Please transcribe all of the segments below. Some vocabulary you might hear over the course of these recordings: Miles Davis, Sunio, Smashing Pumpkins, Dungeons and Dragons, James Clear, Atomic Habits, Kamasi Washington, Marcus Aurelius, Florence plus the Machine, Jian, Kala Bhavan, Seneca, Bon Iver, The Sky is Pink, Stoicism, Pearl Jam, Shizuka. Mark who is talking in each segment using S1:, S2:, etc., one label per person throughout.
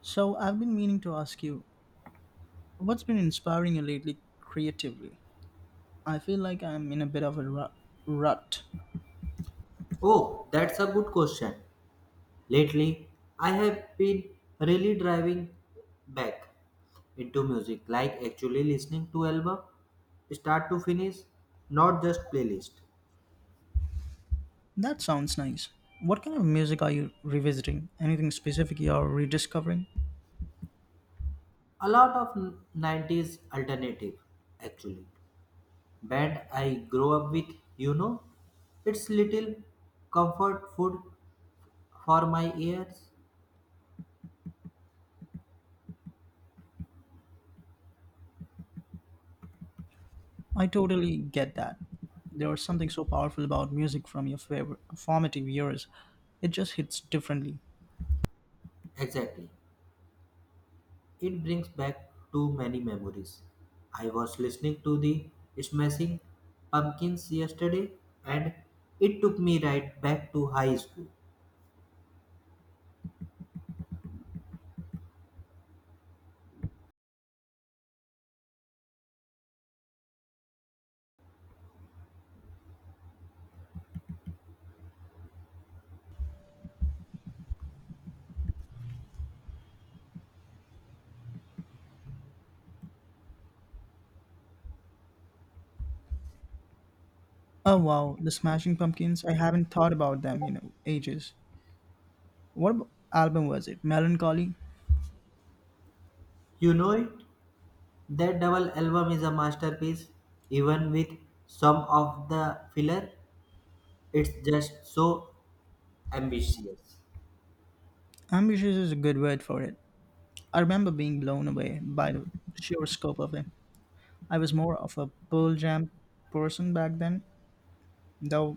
S1: So, I've been meaning to ask you, what's been inspiring you lately creatively? I feel like I'm in a bit of a rut.
S2: Oh, that's a good question. Lately, I have been really driving back into music, like actually listening to album start to finish, not just playlist.
S1: That sounds nice. What kind of music are you revisiting? Anything specific you're rediscovering?
S2: A lot of 90s alternative actually. Band I grow up with, you know, it's little comfort food for my ears.
S1: I totally get that. There was something so powerful about music from your favorite formative years. It just hits differently.
S2: Exactly. It brings back too many memories. I was listening to the Smashing Pumpkins yesterday and it took me right back to high school.
S1: Oh wow, the Smashing Pumpkins. I haven't thought about them in ages. What album was it? Melancholy?
S2: You know it? That double album is a masterpiece. Even with some of the filler, it's just so ambitious.
S1: Ambitious is a good word for it. I remember being blown away by the sheer scope of it. I was more of a Pearl Jam person back then, though.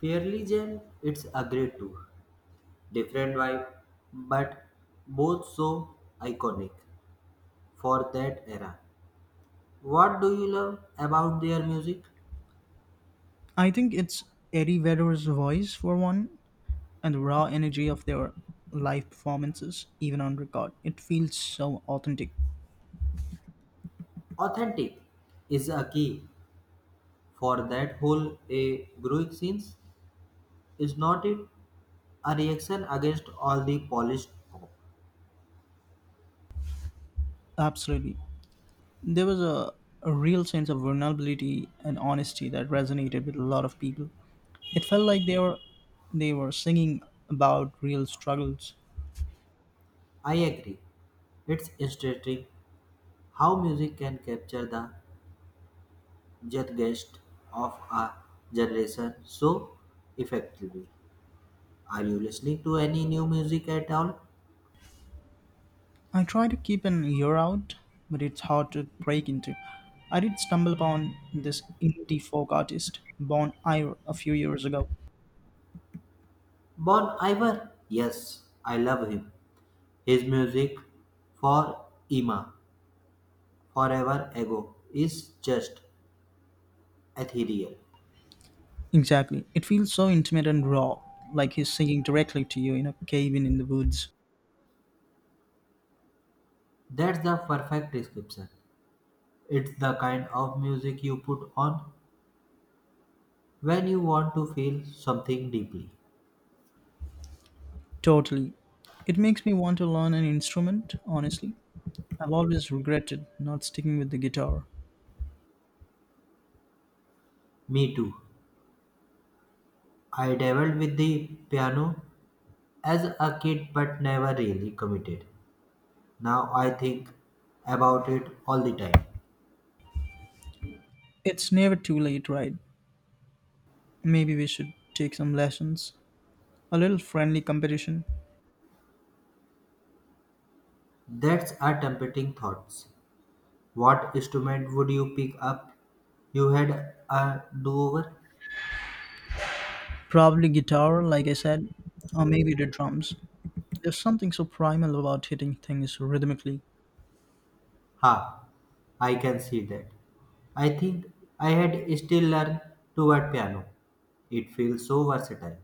S2: Fairly Jam, it's a great too. Different vibe, but both so iconic for that era. What do you love about their music?
S1: I think it's Eddie Vedder's voice for one, and the raw energy of their live performances, even on record. It feels so authentic.
S2: Authentic is a key for that whole a growing scenes is not it a reaction against all the polished pop.
S1: Absolutely. There was a real sense of vulnerability and honesty that resonated with a lot of people. It felt like they were singing about real struggles.
S2: I agree. It's interesting how music can capture the zeitgeist of a generation so effectively. Are you listening to any new music at all?
S1: I try to keep an ear out, but it's hard to break into. I did stumble upon this indie folk artist, Bon Iver, a few years ago.
S2: Bon Iver? Yes, I love him. His music for Ima forever ago is just ethereal.
S1: Exactly. It feels so intimate and raw, like he's singing directly to you in a cabin in the woods.
S2: That's the perfect description. It's the kind of music you put on when you want to feel something deeply.
S1: Totally. It makes me want to learn an instrument, honestly. I've always regretted not sticking with the guitar.
S2: Me too. I dabbled with the piano as a kid but never really committed. Now I think about it all the time.
S1: It's never too late, right? Maybe we should take some lessons. A little friendly competition.
S2: That's a tempting thoughts. What instrument would you pick up? You had a do over?
S1: Probably guitar, like I said, or maybe the drums. There's something so primal about hitting things rhythmically.
S2: Ha, I can see that. I think I had still learned to write piano. It feels so versatile,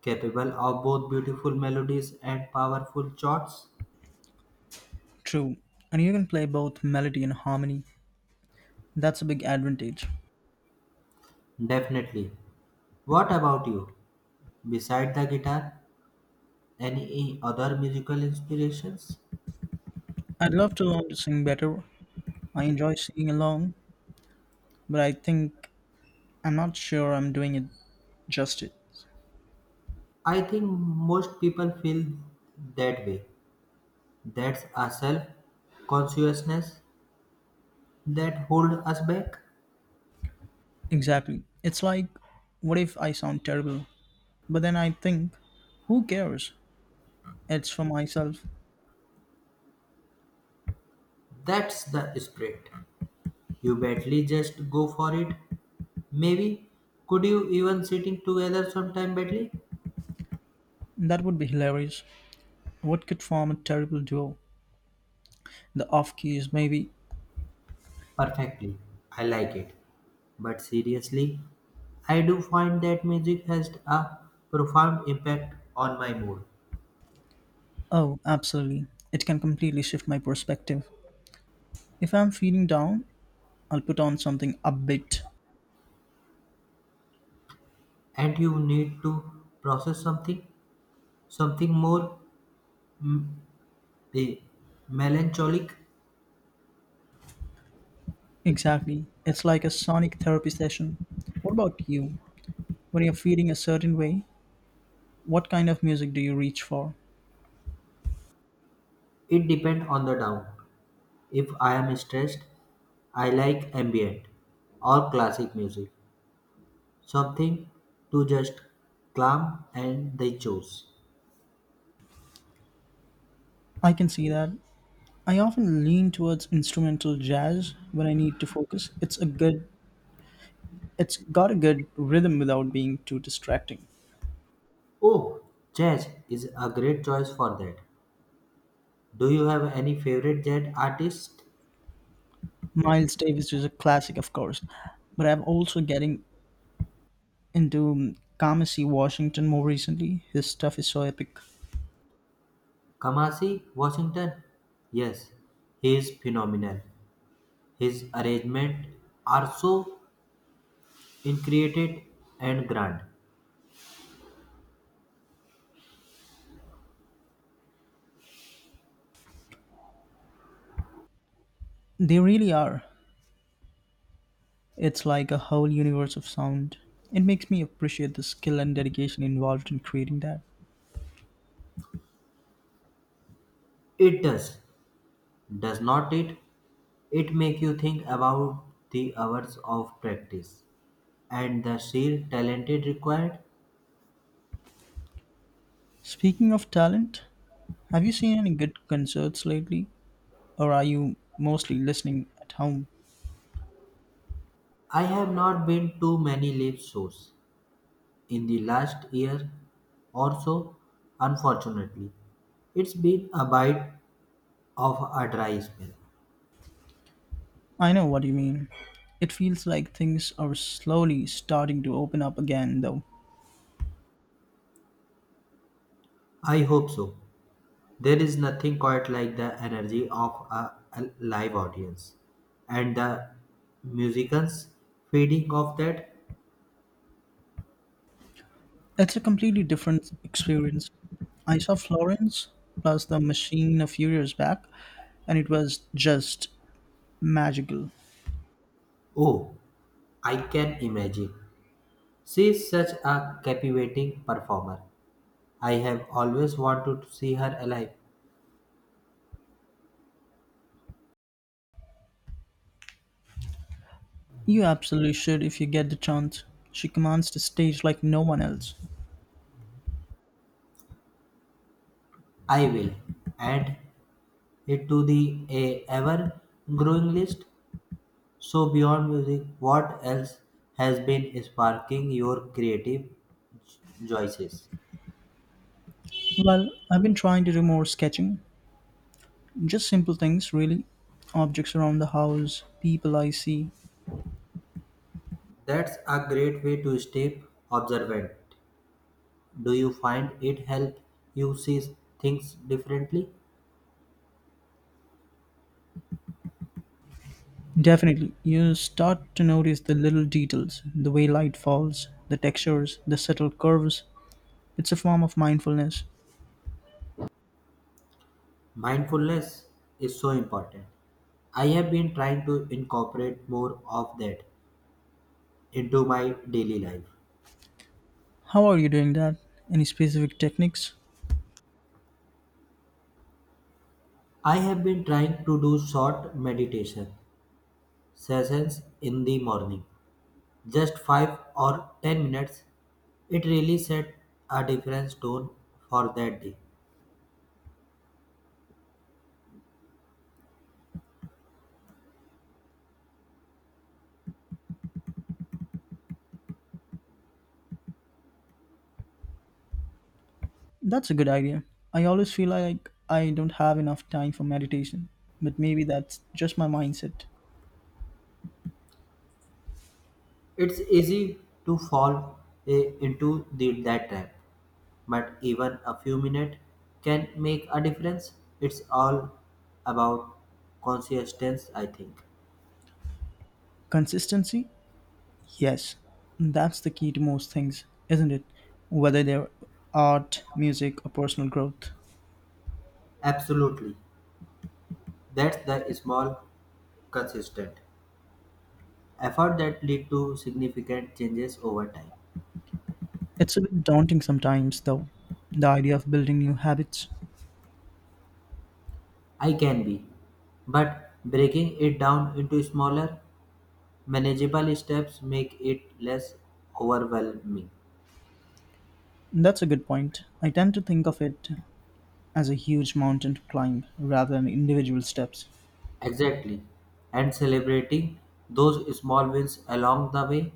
S2: capable of both beautiful melodies and powerful chords.
S1: True. And you can play both melody and harmony. That's a big advantage.
S2: Definitely. What about you? Beside the guitar, any other musical inspirations?
S1: I'd love to learn to sing better. I enjoy singing along, but I think I'm not sure I'm doing it justice.
S2: I think most people feel that way. That's a self consciousness that hold us back.
S1: Exactly. It's like, what if I sound terrible? But then I think, who cares? It's for myself.
S2: That's the spirit. You badly just go for it. Maybe. Could you even sitting together sometime badly?
S1: That would be hilarious. What could form a terrible duo? The off keys, maybe.
S2: Perfectly. I like it. But seriously, I do find that music has a profound impact on my mood.
S1: Oh, absolutely. It can completely shift my perspective. If I'm feeling down, I'll put on something upbeat.
S2: And you need to process something, something more mm, eh, melancholic.
S1: Exactly. It's like a sonic therapy session. What about you? When you're feeling a certain way, what kind of music do you reach for?
S2: It depends on the down. If I am stressed, I like ambient or classic music. Something to just clam and they chose.
S1: I can see that. I often lean towards instrumental jazz when I need to focus. It's a good it's got a good rhythm without being too distracting.
S2: Oh, jazz is a great choice for that. Do you have any favorite jazz artist?
S1: Miles Davis is a classic, of course, but I'm also getting into Kamasi Washington more recently. His stuff is so epic.
S2: Kamasi Washington? Yes, he is phenomenal. His arrangements are so intricate and grand.
S1: They really are. It's like a whole universe of sound. It makes me appreciate the skill and dedication involved in creating that.
S2: It does not it? It make you think about the hours of practice and the sheer talent it required.
S1: Speaking of talent, have you seen any good concerts lately? Or are you mostly listening at home?
S2: I have not been to many live shows in the last year or so, unfortunately. It's been a bite of a dry spell.
S1: I know what you mean. It feels like things are slowly starting to open up again, though.
S2: I hope so. There is nothing quite like the energy of a live audience. And the musicians feeding off that,
S1: It's a completely different experience. I saw Florence plus the Machine a few years back, and it was just magical.
S2: oh, I can imagine. She is such a captivating performer. I have always wanted to see her alive.
S1: You absolutely should if you get the chance. She commands the stage like no one else.
S2: I will. And it to the a ever growing list. So beyond music, what else has been sparking your creative choices?
S1: Well, I've been trying to do more sketching. Just simple things, really. Objects around the house, people I see.
S2: That's a great way to stay observant. Do you find it help you see things differently?
S1: Definitely, you start to notice the little details, the way light falls, the textures, the subtle curves. It's a form of mindfulness.
S2: Mindfulness is so important. I have been trying to incorporate more of that into my daily life.
S1: How are you doing that? Any specific techniques?
S2: I have been trying to do short meditation sessions in the morning. Just 5 or 10 minutes, it really set a different tone for that day.
S1: That's a good idea. I always feel like I don't have enough time for meditation, but maybe that's just my mindset.
S2: It's easy to fall into that trap, but even a few minutes can make a difference. It's all about consistency, I think.
S1: Consistency? Yes, that's the key to most things, isn't it? Whether they're art, music, or personal growth.
S2: Absolutely. That's the small, consistent effort that lead to significant changes over time.
S1: It's a bit daunting sometimes, though, the idea of building new habits.
S2: I can be, but breaking it down into smaller, manageable steps make it less overwhelming.
S1: That's a good point. I tend to think of it as a huge mountain to climb rather than individual steps.
S2: Exactly. And celebrating those small wins along the way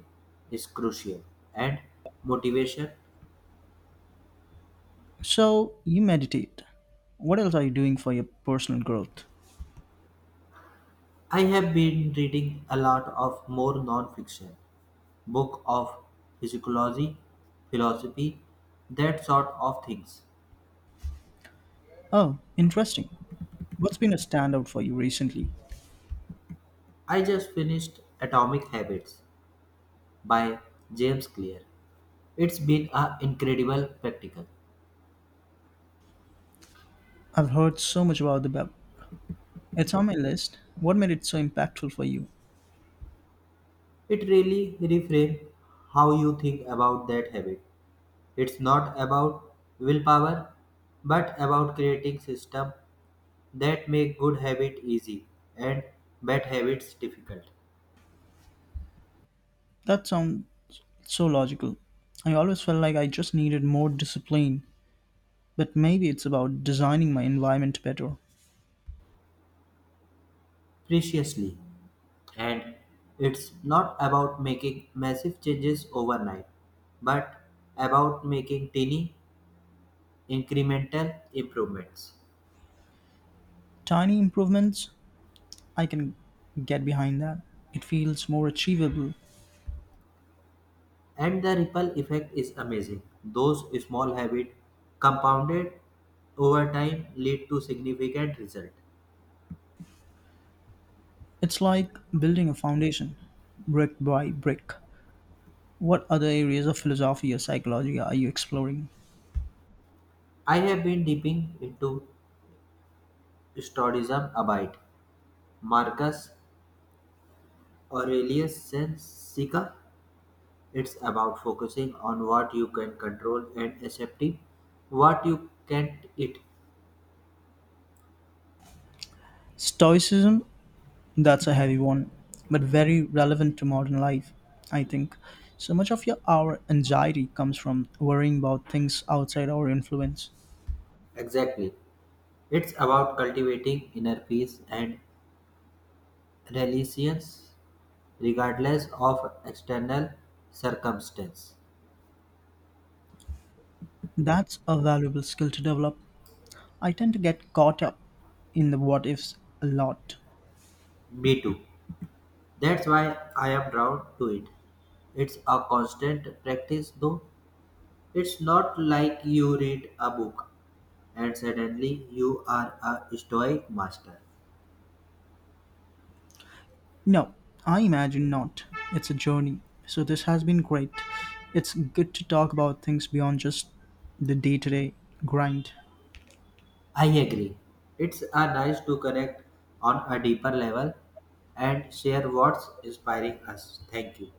S2: is crucial. And motivation.
S1: So, you meditate. What else are you doing for your personal growth?
S2: I have been reading a lot of more non-fiction book of physiology, philosophy, that sort of things.
S1: Oh, interesting. What's been a standout for you recently?
S2: I just finished Atomic Habits by James Clear. It's been an incredible spectacle.
S1: I've heard so much about the web. It's on my list. What made it so impactful for you?
S2: It really reframes how you think about that habit. It's not about willpower, but about creating system that make good habit easy and bad habits difficult.
S1: That sound. It's so logical. I always felt like I just needed more discipline, but maybe it's about designing my environment better.
S2: Preciously. And it's not about making massive changes overnight, but about making tiny incremental improvements.
S1: Tiny improvements, I can get behind that. It feels more achievable.
S2: And the ripple effect is amazing. Those small habits compounded over time lead to significant result.
S1: It's like building a foundation, brick by brick. What other areas of philosophy or psychology are you exploring?
S2: I have been dipping into Stoicism a bit. Marcus Aurelius Seneca. It's about focusing on what you can control and accepting what you can't it.
S1: Stoicism, that's a heavy one, but very relevant to modern life, I think. So much of your our anxiety comes from worrying about things outside our influence.
S2: Exactly. It's about cultivating inner peace and resilience regardless of external circumstance.
S1: That's a valuable skill to develop. I tend to get caught up in the what ifs a lot.
S2: Me too. That's why I am drawn to it. It's a constant practice though. It's not like you read a book and suddenly you are a stoic master.
S1: No, I imagine not. It's a journey. So this has been great. It's good to talk about things beyond just the day to day grind.
S2: I agree. It's a nice to connect on a deeper level and share what's inspiring us. Thank you.